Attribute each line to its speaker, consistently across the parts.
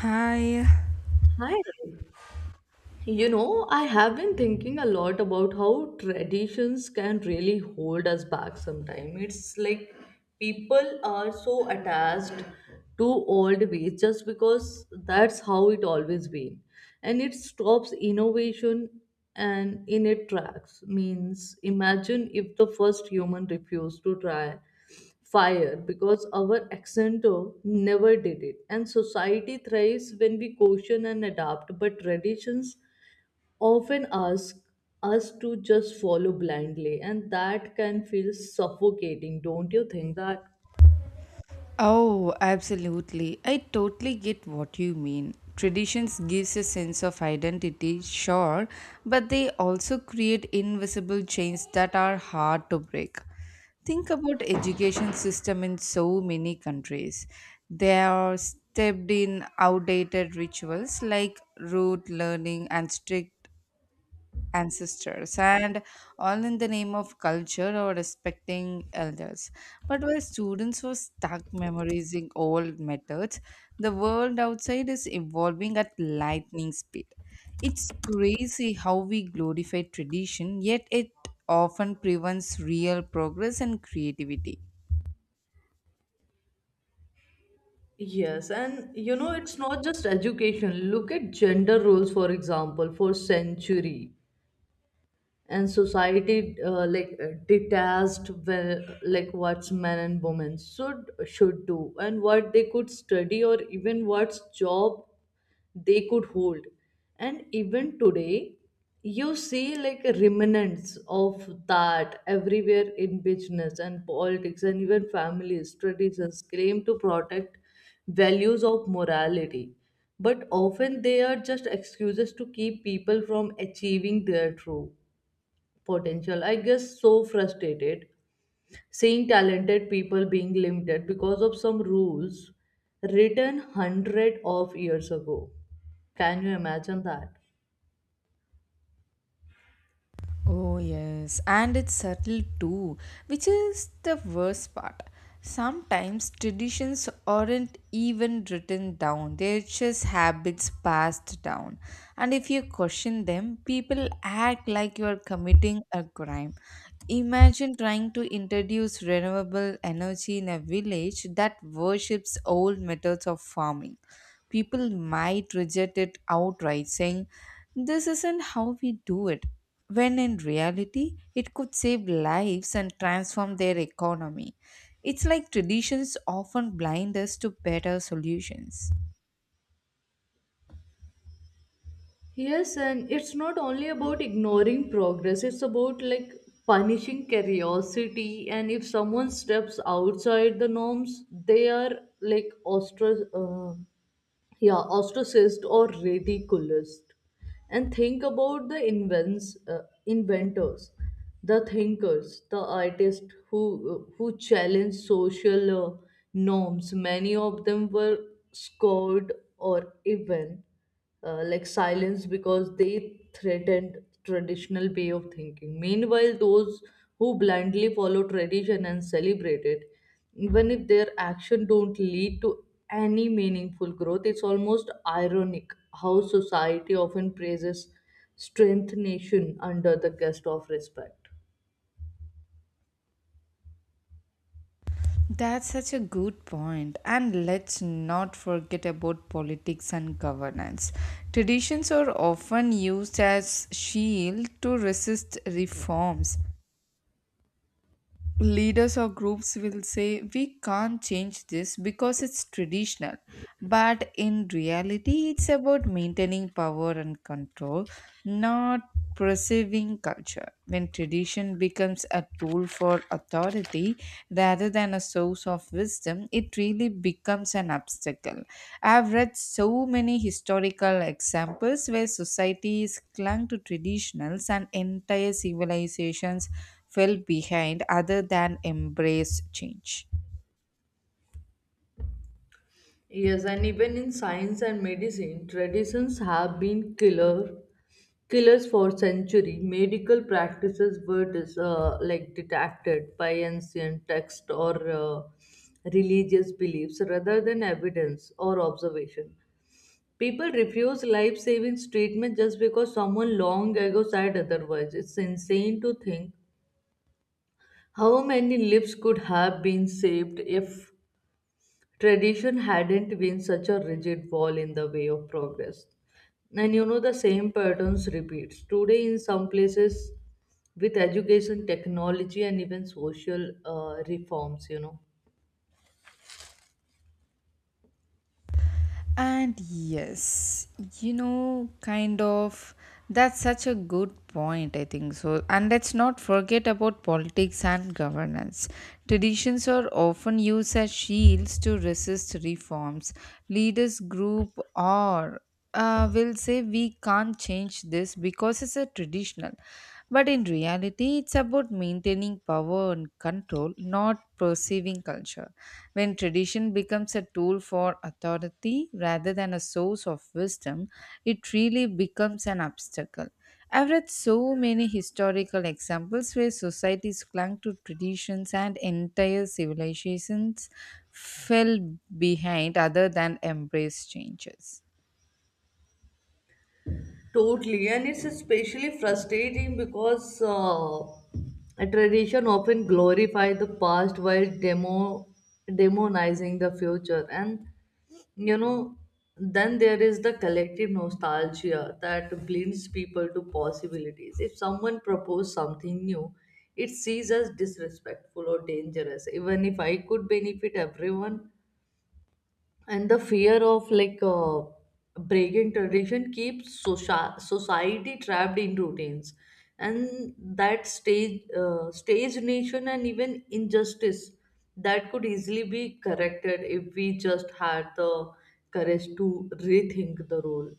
Speaker 1: Hi.
Speaker 2: はい。You know, I have been thinking a lot about how traditions can really hold us back sometimes. It's like people are so attached to old ways just because that's how it always been. And it stops innovation and in it tracks. Means imagine if the first human refused to try fire because our accentor never did it. And society thrives when we caution and adapt, but traditions often ask us to just follow blindly, and that can feel suffocating, don't you think that?
Speaker 1: Oh, absolutely. I totally get what you mean. Traditions gives a sense of identity, sure, but they also create invisible chains that are hard to break. Think about education system in so many countries. They are stepped in outdated rituals like rote learning and strict ancestors and all in the name of culture or respecting elders. But while students were stuck memorizing old methods, the world outside is evolving at lightning speed. It's crazy how we glorify tradition, yet it often prevents real progress and creativity.
Speaker 2: Yes, and you know, it's not just education. Look at gender roles, for example, for century and society detached well, like what's men and women should do and what they could study or even what's job they could hold. And even today, you see like remnants of that everywhere in business and politics and even families, traditions claim to protect values of morality. But often they are just excuses to keep people from achieving their true potential. I guess so frustrated seeing talented people being limited because of some rules written hundred of years ago. Can you imagine that?
Speaker 1: Oh, yes, and it's subtle too, which is the worst part. Sometimes traditions aren't even written down, they're just habits passed down. And if you question them, people act like you're committing a crime. Imagine trying to introduce renewable energy in a village that worships old methods of farming people might reject it outright, saying, this isn't how we do it, when in reality, it could save lives and transform their economy. It's like traditions often blind us to better solutions.
Speaker 2: Yes, and it's not only about ignoring progress, it's about like punishing curiosity. And if someone steps outside the norms, they are like ostracized. Yeah, ostracized or ridiculoused, and think about the invents inventors, the thinkers, the artists who challenge social norms. Many of them were scored or even like silence because they threatened traditional way of thinking. Meanwhile, those who blindly follow tradition and celebrate it, even if their action don't lead to any meaningful growth. It's almost ironic how society often praises strength nation under the guise of respect.
Speaker 1: That's such a good point. And let's not forget about politics and governance. Traditions are often used as shield to resist reforms, leaders or groups will say we can't change this because it's traditional, but in reality it's about maintaining power and control, not preserving culture. When tradition becomes a tool for authority rather than a source of wisdom, it really becomes an obstacle. I've read so many historical examples where societies clung to traditionals and entire civilizations fell behind other than embrace change.
Speaker 2: Yes, and even in science and medicine, traditions have been killers for centuries. Medical practices were like detected by ancient text or religious beliefs rather than evidence or observation. People refuse life-saving treatment just because someone long ago said otherwise. It's insane to think how many lives could have been saved if tradition hadn't been such a rigid wall in the way of progress. And you know, the same patterns repeats. Today, in some places, with education, technology, and even social reforms, you know.
Speaker 1: And yes, you know, kind of, that's such a good point, I think so. And let's not forget about politics and governance. Traditions are often used as shields to resist reforms. Leaders group or will say we can't change this because it's a traditional. But in reality, it's about maintaining power and control, not perceiving culture. When tradition becomes a tool for authority rather than a source of wisdom, it really becomes an obstacle. I've read so many historical examples where societies clung to traditions and entire civilizations fell behind other than embrace changes.
Speaker 2: Totally, and it's especially frustrating because a tradition often glorifies the past while demonizing the future, and you know, then there is the collective nostalgia that blinds people to possibilities. If someone proposes something new, it sees as disrespectful or dangerous. Even if I could benefit everyone, and the fear of breaking tradition keeps society trapped in routines, and that stage stage nation and even injustice that could easily be corrected if we just had the courage to rethink the role.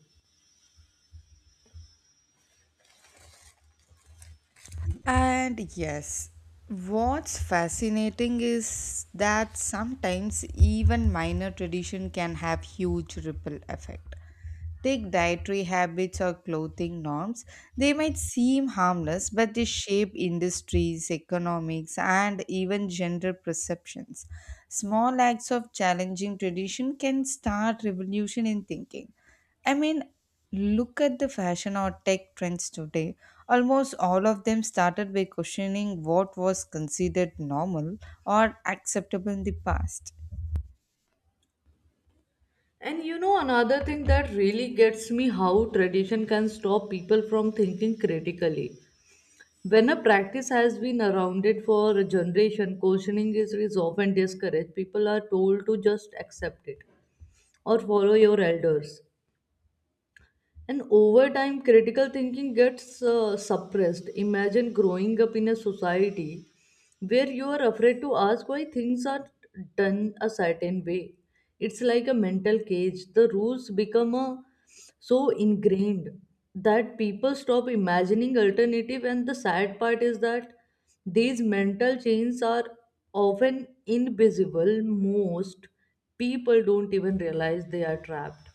Speaker 1: And yes, what's fascinating is that sometimes even minor tradition can have huge ripple effect. Take dietary habits or clothing norms. They might seem harmless, but they shape industries, economics, and even gender perceptions. Small acts of challenging tradition can start revolution in thinking. I mean, look at the fashion or tech trends today. Almost all of them started by questioning what was considered normal or acceptable in the past.
Speaker 2: And you know, another thing that really gets me, how tradition can stop people from thinking critically. When a practice has been around it for a generation, questioning is often discouraged. People are told to just accept it or follow your elders. And over time, critical thinking gets suppressed. Imagine growing up in a society where you are afraid to ask why things are done a certain way. It's like a mental cage. The rules become so ingrained that people stop imagining alternative. And the sad part is that these mental chains are often invisible. Most people don't even realize they are trapped.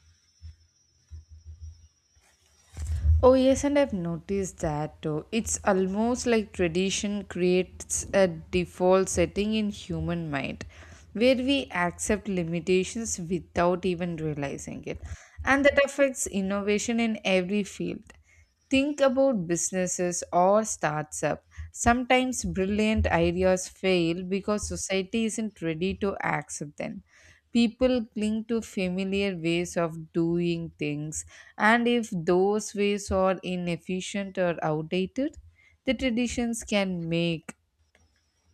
Speaker 1: Oh yes, and I've noticed that too. It's almost like tradition creates a default setting in human mind where we accept limitations without even realizing it. And that affects innovation in every field. Think about businesses or starts up. Sometimes brilliant ideas fail because society isn't ready to accept them. People cling to familiar ways of doing things, and if those ways are inefficient or outdated, the traditions can make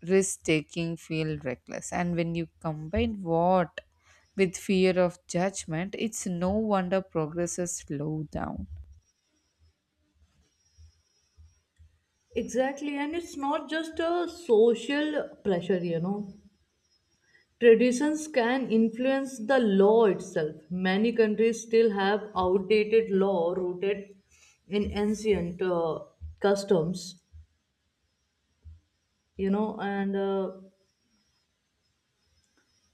Speaker 1: risk taking feel reckless. And when you combine what with fear of judgment, it's no wonder progress is slowed down.
Speaker 2: Exactly, and it's not just a social pressure, you know. Traditions can influence the law itself. Many countries still have outdated law rooted in ancient customs, you know. And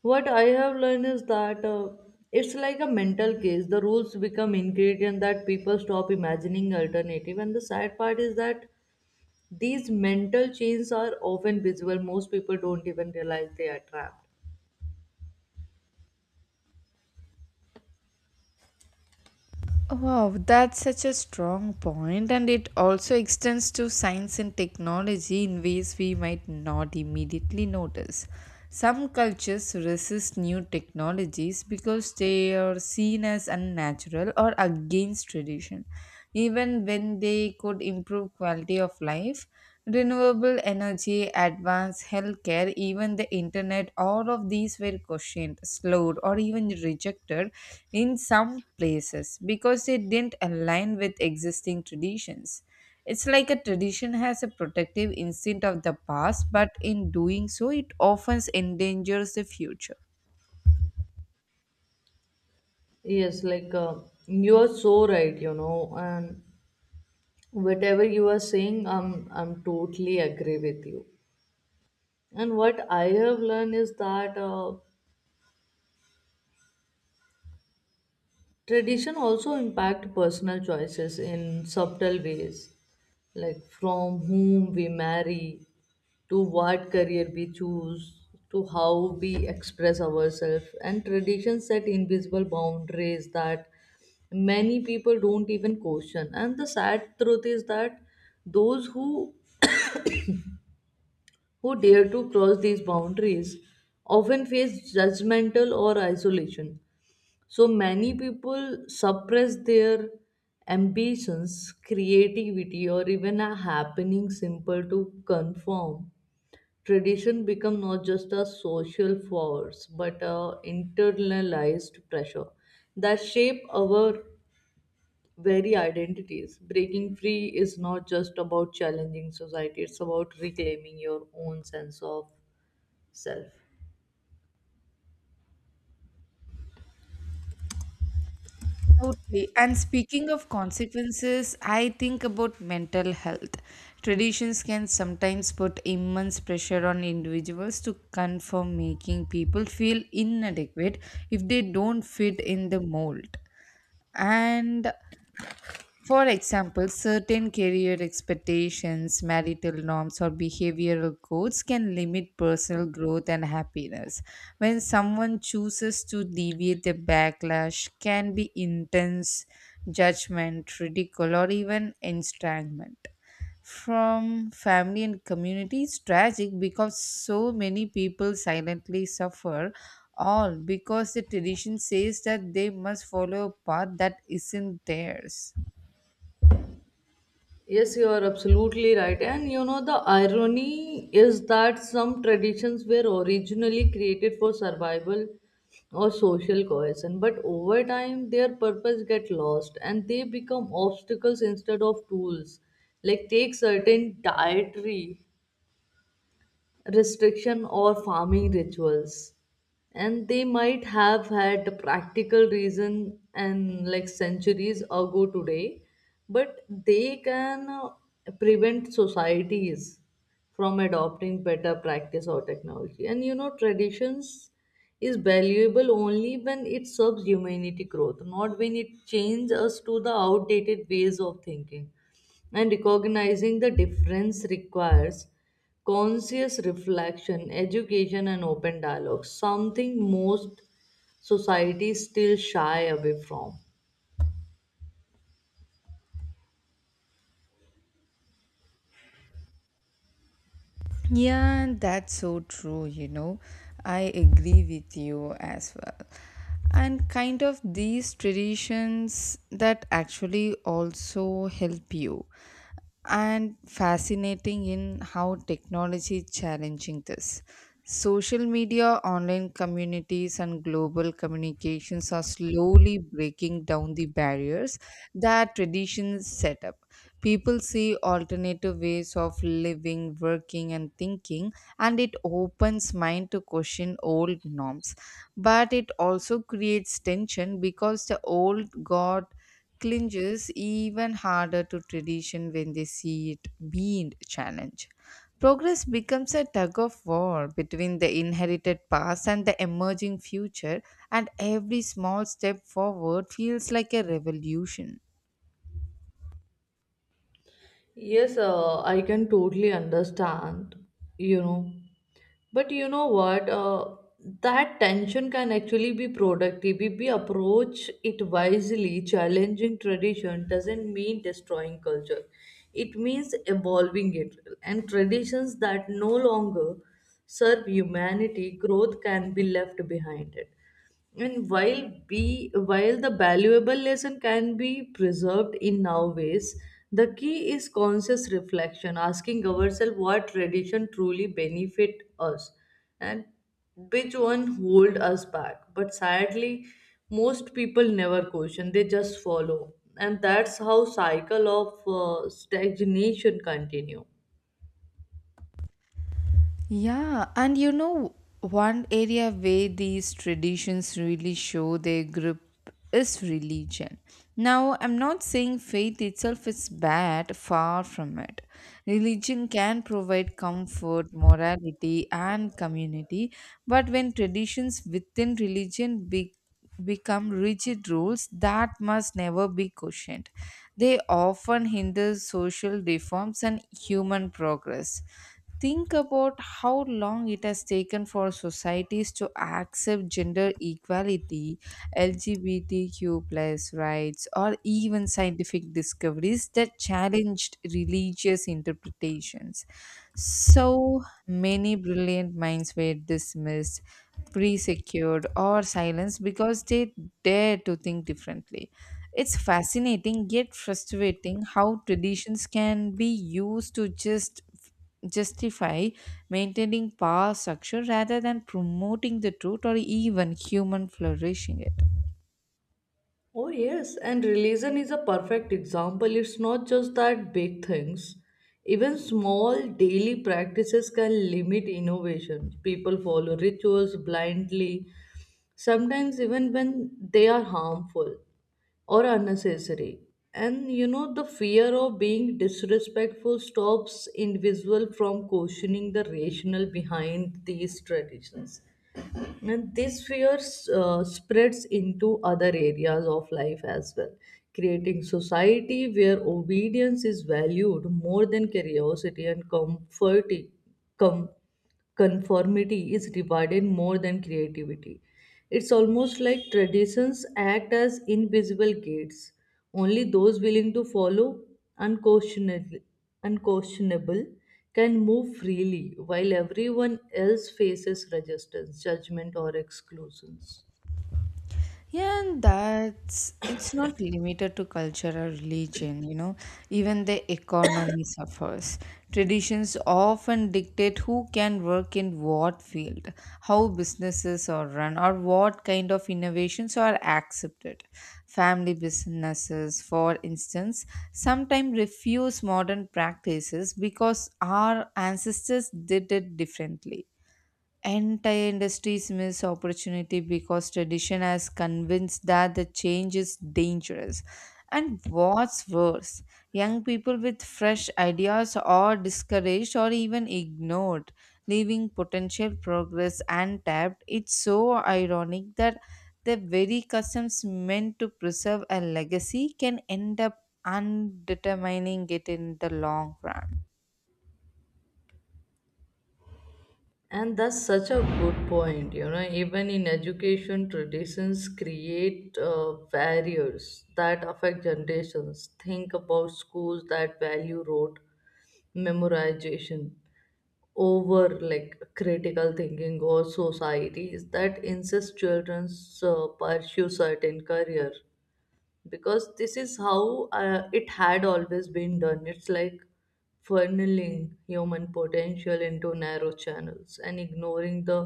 Speaker 2: what I have learned is that it's like a mental case. The rules become ingredient that people stop imagining alternative. And the sad part is that these mental chains are often visible. Most people don't even realize they are trapped.
Speaker 1: Wow, that's such a strong point, and it also extends to science and technology in ways we might not immediately notice. Some cultures resist new technologies because they are seen as unnatural or against tradition, even when they could improve quality of life renewable energy, advanced healthcare, even the internet, all of these were questioned, slowed, or even rejected in some places because they didn't align with existing traditions. It's like a tradition has a protective instinct of the past, but in doing so, it often endangers the future.
Speaker 2: Yes, you are so right, you know, and whatever you are saying, I'm totally agree with you. And what I have learned is that tradition also impact personal choices in subtle ways. Like from whom we marry to what career we choose, to how we express ourselves. And traditions set invisible boundaries that many people don't even question. And the sad truth is that those who dare to cross these boundaries often face judgmental or isolation. So many people suppress their ambitions, creativity, or even a happening simple to conform. Tradition become not just a social force but a internalized pressure that shape our very identities. Breaking free is not just about challenging society; it's about reclaiming your own sense of self.
Speaker 1: Totally. And speaking of consequences, I think about mental health. Traditions can sometimes put immense pressure on individuals to conform, making people feel inadequate if they don't fit in the mold. And for example, certain career expectations, marital norms, or behavioral codes can limit personal growth and happiness. When someone chooses to deviate, the backlash can be intense judgment, ridicule, or even estrangement. From family and community, it's tragic because so many people silently suffer, all because the tradition says that they must follow a path that isn't theirs.
Speaker 2: Yes, you are absolutely right. And you know, the irony is that some traditions were originally created for survival or social cohesion, but over time their purpose get lost and they become obstacles instead of tools. Like take certain dietary restriction or farming rituals, and they might have had practical reason and like centuries ago today, but they can prevent societies from adopting better practice or technology. And you know, traditions is valuable only when it serves humanity growth, not when it changes us to the outdated ways of thinking. And recognizing the difference requires conscious reflection, education, and open dialogue, something most societies still shy away from.
Speaker 1: Yeah, that's so true, you know. I agree with you as well. And kind of these traditions that actually also help you and fascinating in how technology is challenging this. Social media, online communities, and global communications are slowly breaking down the barriers that traditions set up. People see alternative ways of living, working, and thinking, and it opens mind to question old norms. But it also creates tension because the old guard clinches even harder to tradition when they see it being challenged. Progress becomes a tug of war between the inherited past and the emerging future, and every small step forward feels like a revolution.
Speaker 2: Yes, I can totally understand, you know. But you know what? That tension can actually be productive if we approach it wisely. Challenging tradition doesn't mean destroying culture, it means evolving it. And traditions that no longer serve humanity, growth can be left behind it. And while the valuable lesson can be preserved in now ways. The key is conscious reflection, asking ourselves what tradition truly benefit us and which one hold us back. But sadly, most people never question, they just follow, and that's how cycle of stagnation continue.
Speaker 1: Yeah, and you know, one area where these traditions really show their grip is religion. Now, I'm not saying faith itself is bad, far from it. Religion can provide comfort, morality, and community, but when traditions within religion become rigid rules that must never be questioned, they often hinder social reforms and human progress. Think about how long it has taken for societies to accept gender equality, LGBTQ+ plus rights, or even scientific discoveries that challenged religious interpretations. So many brilliant minds were dismissed, pre-secured, or silenced because they dared to think differently. It's fascinating yet frustrating how traditions can be used to just justify maintaining power structure rather than promoting the truth or even human flourishing.
Speaker 2: Oh, yes, and religion is a perfect example. It's not just that big things, even small daily practices can limit innovation. People follow rituals blindly, sometimes even when they are harmful or unnecessary. And you know, the fear of being disrespectful stops individual from questioning the rationale behind these traditions. And this fear spreads into other areas of life as well, creating society where obedience is valued more than curiosity, and com- conformity is rewarded more than creativity. It's almost like traditions act as invisible gates. Only those willing to follow unquestionably, unquestionable, can move freely, while everyone else faces resistance, judgment, or exclusions.
Speaker 1: Yeah, and that's it's not limited to culture or religion, you know, even the economy suffers. Traditions often dictate who can work in what field, how businesses are run, or what kind of innovations are accepted. Family businesses, for instance, sometimes refuse modern practices because our ancestors did it differently. Entire industries miss opportunity because tradition has convinced that the change is dangerous. And what's worse, young people with fresh ideas are discouraged or even ignored, leaving potential progress untapped. It's so ironic that the very customs meant to preserve a legacy can end up undetermining it in the long run.
Speaker 2: And that's such a good point. You know, even in education, traditions create barriers that affect generations. Think about schools that value rote memorization over like critical thinking, or societies that insist children pursue certain career because this is how it had always been done. It's like funneling human potential into narrow channels and ignoring the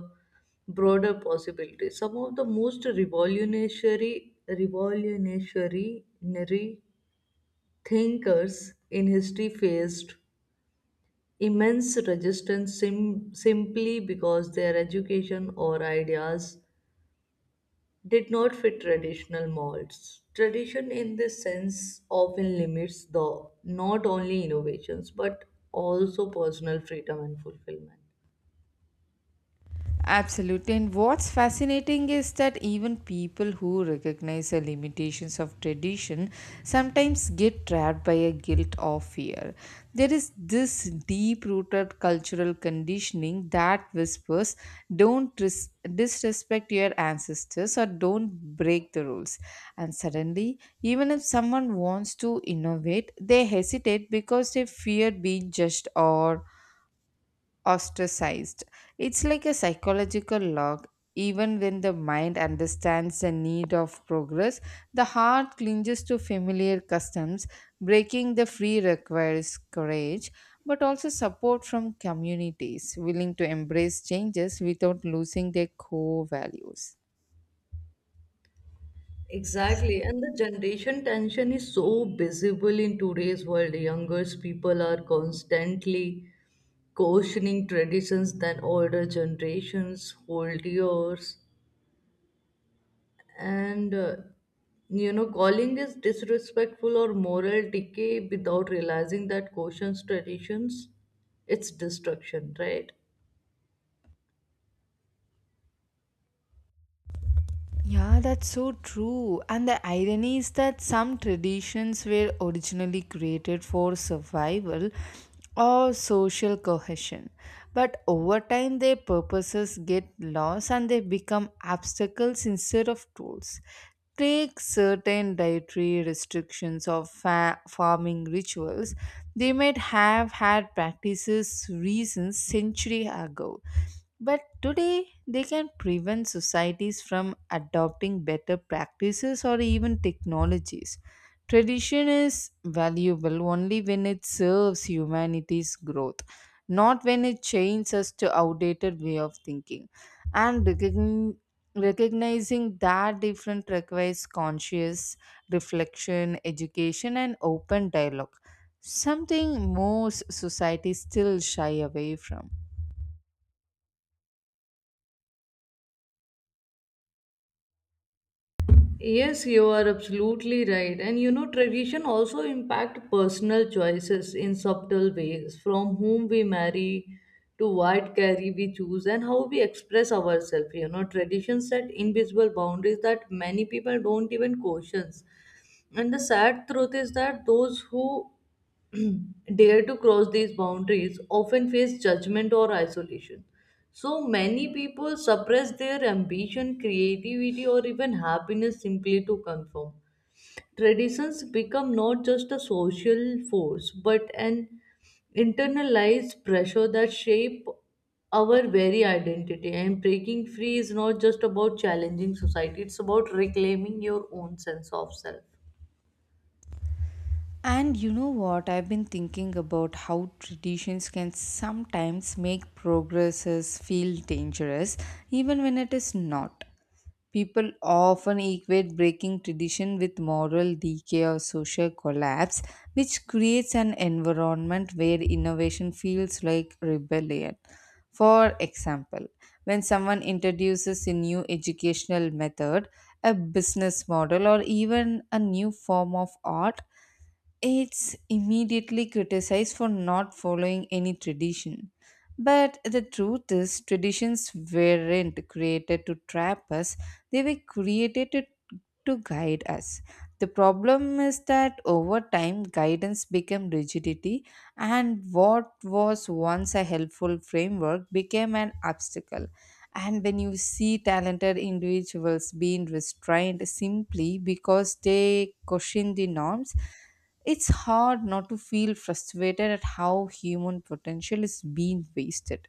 Speaker 2: broader possibilities. Some of the most revolutionary thinkers in history faced immense resistance simply because their education or ideas did not fit traditional molds. Tradition, in this sense, often limits the not only innovations but also personal freedom and fulfillment.
Speaker 1: Absolutely. And what's fascinating is that even people who recognize the limitations of tradition sometimes get trapped by a guilt or fear. There is this deep rooted cultural conditioning that whispers don't disrespect your ancestors or don't break the rules. And suddenly, even if someone wants to innovate, they hesitate because they fear being judged or ostracized. It's like a psychological log. Even when the mind understands the need of progress, the heart clinges to familiar customs. Breaking the free requires courage, but also support from communities willing to embrace changes without losing their core values.
Speaker 2: Exactly, and the generation tension is so visible in today's world. Younger people are constantly questioning traditions than older generations hold yours, and you know, calling is disrespectful or moral decay without realizing that cautions traditions, it's destruction, right?
Speaker 1: Yeah, that's so true. And the irony is that some traditions were originally created for survival or social cohesion. But over time, their purposes get lost and they become obstacles instead of tools. Take certain dietary restrictions or farming rituals, they might have had practices reasons century ago but today, they can prevent societies from adopting better practices or even technologies. Tradition is valuable only when it serves humanity's growth, not when it chains us to outdated way of thinking. And recognizing that different requires conscious reflection, education, and open dialogue, something most societies still shy away from.
Speaker 2: Yes, you are absolutely right. And you know, tradition also impact personal choices in subtle ways, from whom we marry to what carry we choose and how we express ourselves. You know, tradition set invisible boundaries that many people don't even question. And the sad truth is that those who dare to cross these boundaries often face judgment or isolation. So many people suppress their ambition, creativity, or even happiness simply to conform. Traditions become not just a social force but an internalized pressure that shape our very identity. And breaking free is not just about challenging society, it's about reclaiming your own sense of self.
Speaker 1: And you know what? I've been thinking about how traditions can sometimes make progresses feel dangerous, even when it is not. People often equate breaking tradition with moral decay or social collapse, which creates an environment where innovation feels like rebellion. For example, when someone introduces a new educational method, a business model, or even a new form of art, it's immediately criticized for not following any tradition. But the truth is, traditions weren't created to trap us, they were created to guide us. The problem is that over time, guidance became rigidity, and what was once a helpful framework became an obstacle. And when you see talented individuals being restrained simply because they question the norms, it's hard not to feel frustrated at how human potential is being wasted.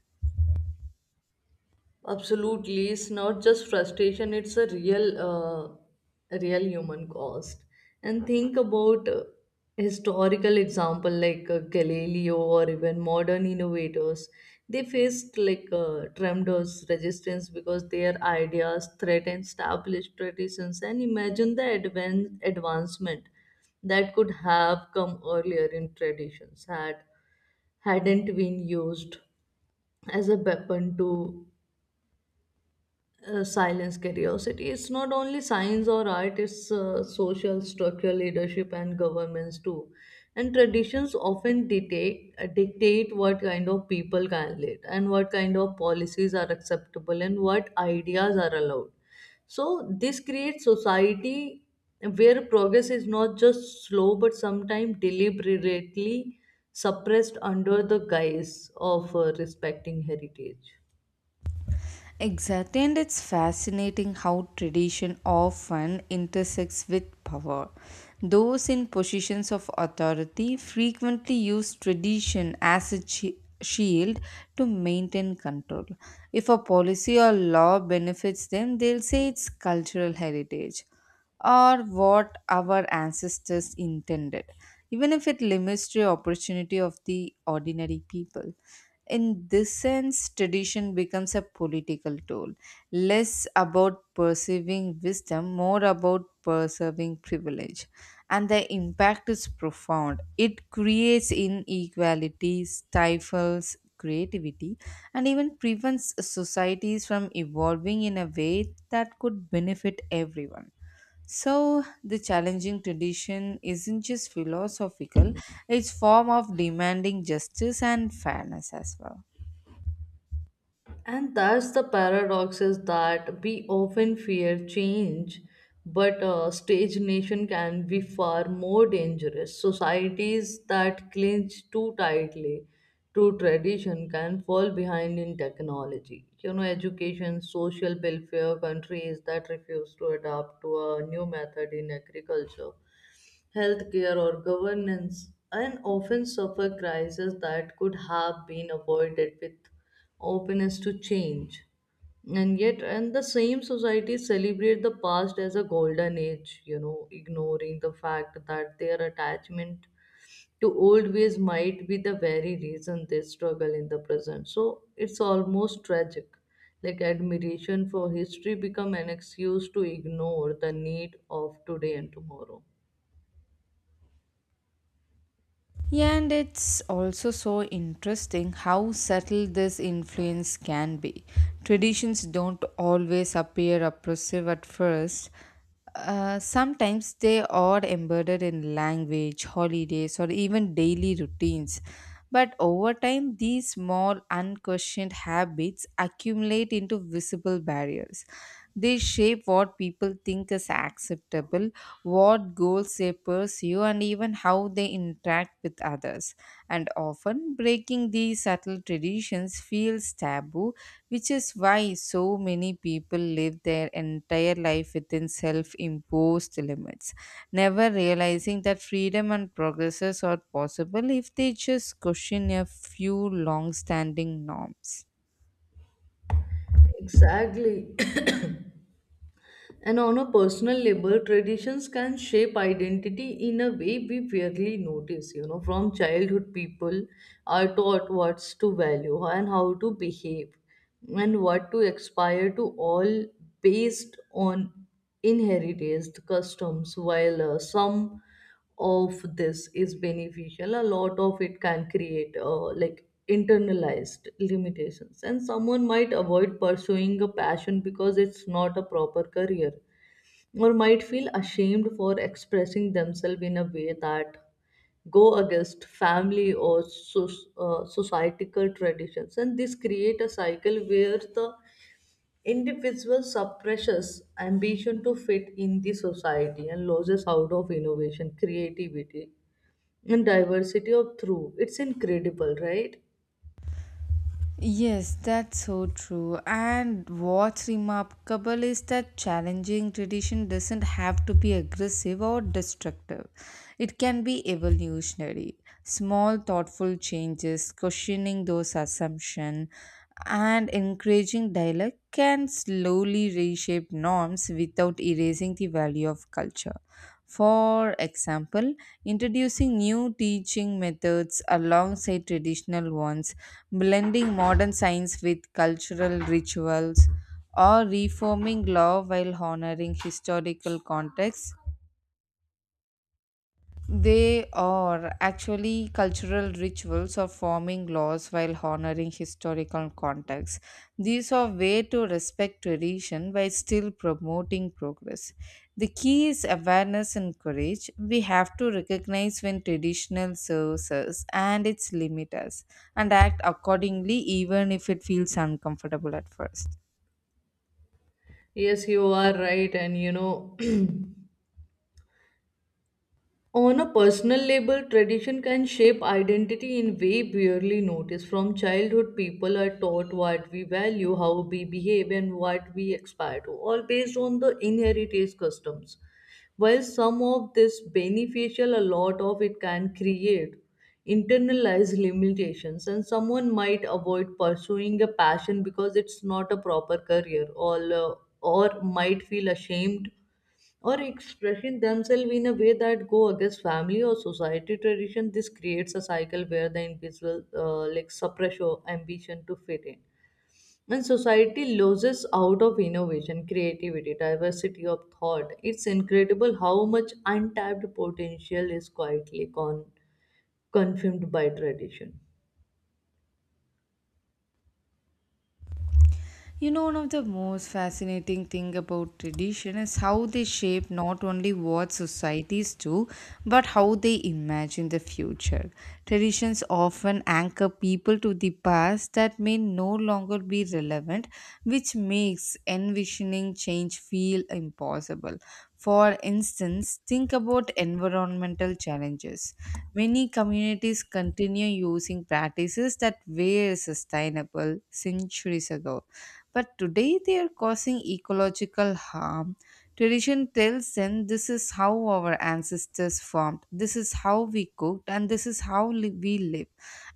Speaker 2: Absolutely, it's not just frustration, it's a real a real human cost. And think about historical example like Galileo or even modern innovators. They faced tremendous resistance because their ideas threatened established traditions. And imagine the advancement that could have come earlier in traditions hadn't been used as a weapon to silence curiosity. It's not only science or art, it's social structural leadership and governments too. And traditions often dictate what kind of people can lead and what kind of policies are acceptable and what ideas are allowed. So this creates society where progress is not just slow but sometimes deliberately suppressed under the guise of respecting heritage.
Speaker 1: Exactly, and it's fascinating how tradition often intersects with power. Those in positions of authority frequently use tradition as a shield to maintain control. If a policy or law benefits them, they'll say it's cultural heritage or what our ancestors intended, even if it limits the opportunity of the ordinary people. In this sense, tradition becomes a political tool, less about perceiving wisdom, more about preserving privilege. And the impact is profound. It creates inequality, stifles creativity, and even prevents societies from evolving in a way that could benefit everyone. So, the challenging tradition isn't just philosophical, it's form of demanding justice and fairness as well.
Speaker 2: And that's the paradox is that we often fear change, but stagnation can be far more dangerous. Societies that clinch too tightly to tradition can fall behind in technology. You know, education, social welfare, countries that refuse to adapt to a new method in agriculture, healthcare, or governance, and often suffer crises that could have been avoided with openness to change. And yet, and the same society celebrate the past as a golden age, you know, ignoring the fact that their attachment to old ways might be the very reason they struggle in the present. So it's almost tragic, like admiration for history become an excuse to ignore the need of today and tomorrow.
Speaker 1: Yeah, and it's also so interesting how subtle this influence can be. Traditions don't always appear oppressive at first. Sometimes they are embedded in language, holidays, or even daily routines. But over time, these small, unquestioned habits accumulate into visible barriers. They shape what people think is acceptable what goals they pursue, and even how they interact with others. And often, breaking these subtle traditions feels taboo, which is why so many people live their entire life within self imposed limits, never realizing that freedom and progress are possible if they just question a few long standing norms.
Speaker 2: Exactly. And on a personal level, traditions can shape identity in a way we rarely notice. You know, from childhood, people are taught what's to value and how to behave and what to aspire to, all based on inherited customs. While some of this is beneficial, a lot of it can create like internalized limitations. And someone might avoid pursuing a passion because it's not a proper career, or might feel ashamed for expressing themselves in a way that go against family or societal traditions. And this create a cycle where the individual suppresses ambition to fit in the society and loses out of innovation, creativity, and diversity of through. It's incredible, right?
Speaker 1: Yes, that's so true. And what's remarkable is that challenging tradition doesn't have to be aggressive or destructive. It can be evolutionary. Small thoughtful changes, questioning those assumptions, and encouraging dialogue can slowly reshape norms without erasing the value of culture. For example, introducing new teaching methods alongside traditional ones, blending modern science with cultural rituals, or reforming law while honoring historical contexts they are actually cultural rituals of forming laws while honoring historical contexts. These are way to respect tradition while still promoting progress. The key is awareness and courage. We have to recognize when traditional serves us and its limit us and act accordingly even if it feels uncomfortable at first.
Speaker 2: Yes, you are right. And you know, on a personal level, tradition can shape identity in way barely noticed. From childhood, people are taught what we value, how we behave, and what we aspire to, all based on the inherited customs. While some of this beneficial, a lot of it can create internalized limitations, and someone might avoid pursuing a passion because it's not a proper career, or might feel ashamed or expressing themselves in a way that go against family or society tradition. This creates a cycle where the individual like suppress your ambition to fit in, and society loses out of innovation, creativity, diversity of thought. It's incredible how much untapped potential is quietly confirmed by tradition.
Speaker 1: You know, one of the most fascinating thing about tradition is how they shape not only what societies do, but how they imagine the future. Traditions often anchor people to the past that may no longer be relevant, which makes envisioning change feel impossible. For instance, think about environmental challenges. Many communities continue using practices that were sustainable centuries ago but today they are causing ecological harm. Tradition tells them this is how our ancestors farmed, this is how we cooked, and this is how we live.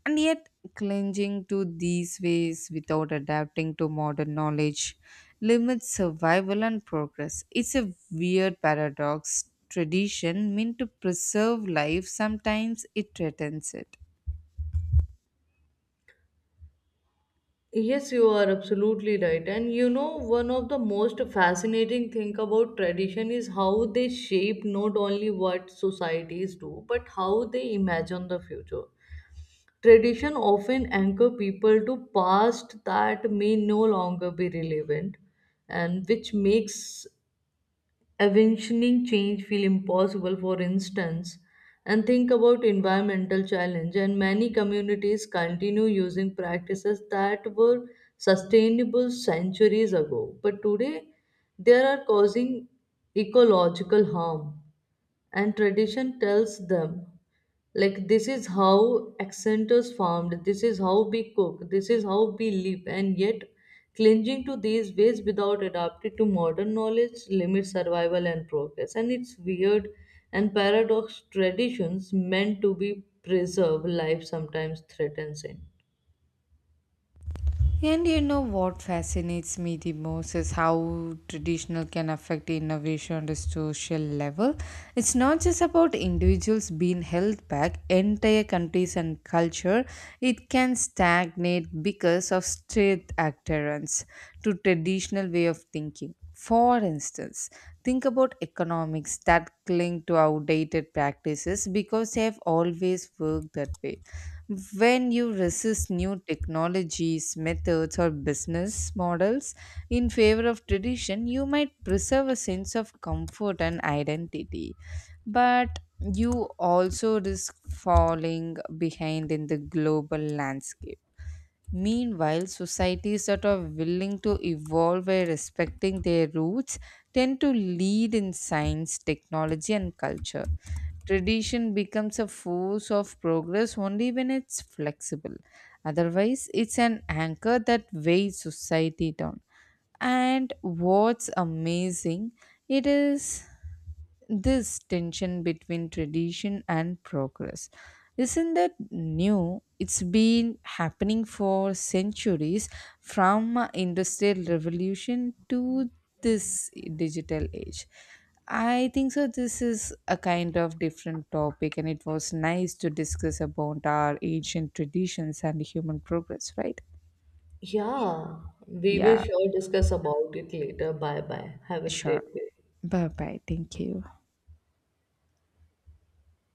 Speaker 1: And yet, clinging to these ways without adapting to modern knowledge limits survival and progress. It's a weird paradox. Tradition meant to preserve life, sometimes it threatens it.
Speaker 2: Yes, you are absolutely right. And you know, one of the most fascinating thing about tradition is how they shape not only what societies do, but how they imagine the future. Tradition often anchor people to past that may no longer be relevant, and which makes envisioning change feel impossible. For instance, and think about environmental challenge, and many communities continue using practices that were sustainable centuries ago, but today they are causing ecological harm. And tradition tells them, like, this is how accent is formed, this is how we cook, this is how we live. And yet, clinging to these ways without adapting to modern knowledge limits survival and progress. And it's weird and paradox, traditions meant to be preserved life sometimes threatens it.
Speaker 1: And you know what fascinates me the most is how traditional can affect innovation on the social level. It's not just about individuals being held back, entire countries and culture, it can stagnate because of state adherence to traditional way of thinking. For instance, think about economics that cling to outdated practices because they have always worked that way. When you resist new technologies, methods, or business models in favor of tradition, you might preserve a sense of comfort and identity, but you also risk falling behind in the global landscape. Meanwhile, societies that are willing to evolve by respecting their roots tend to lead in science, technology, and culture. Tradition becomes a force of progress only when it's flexible. Otherwise, it's an anchor that weighs society down. And what's amazing, it is this tension between tradition and progress. Isn't that new? It's been happening for centuries from industrial revolution to this digital age. I think so. This is a kind of different topic, and it was nice to discuss about our ancient traditions and human progress, right?
Speaker 2: Yeah, we will
Speaker 1: Yeah,
Speaker 2: sure discuss about it later. Bye bye, have a
Speaker 1: sure.
Speaker 2: great day.
Speaker 1: Bye bye. Thank you.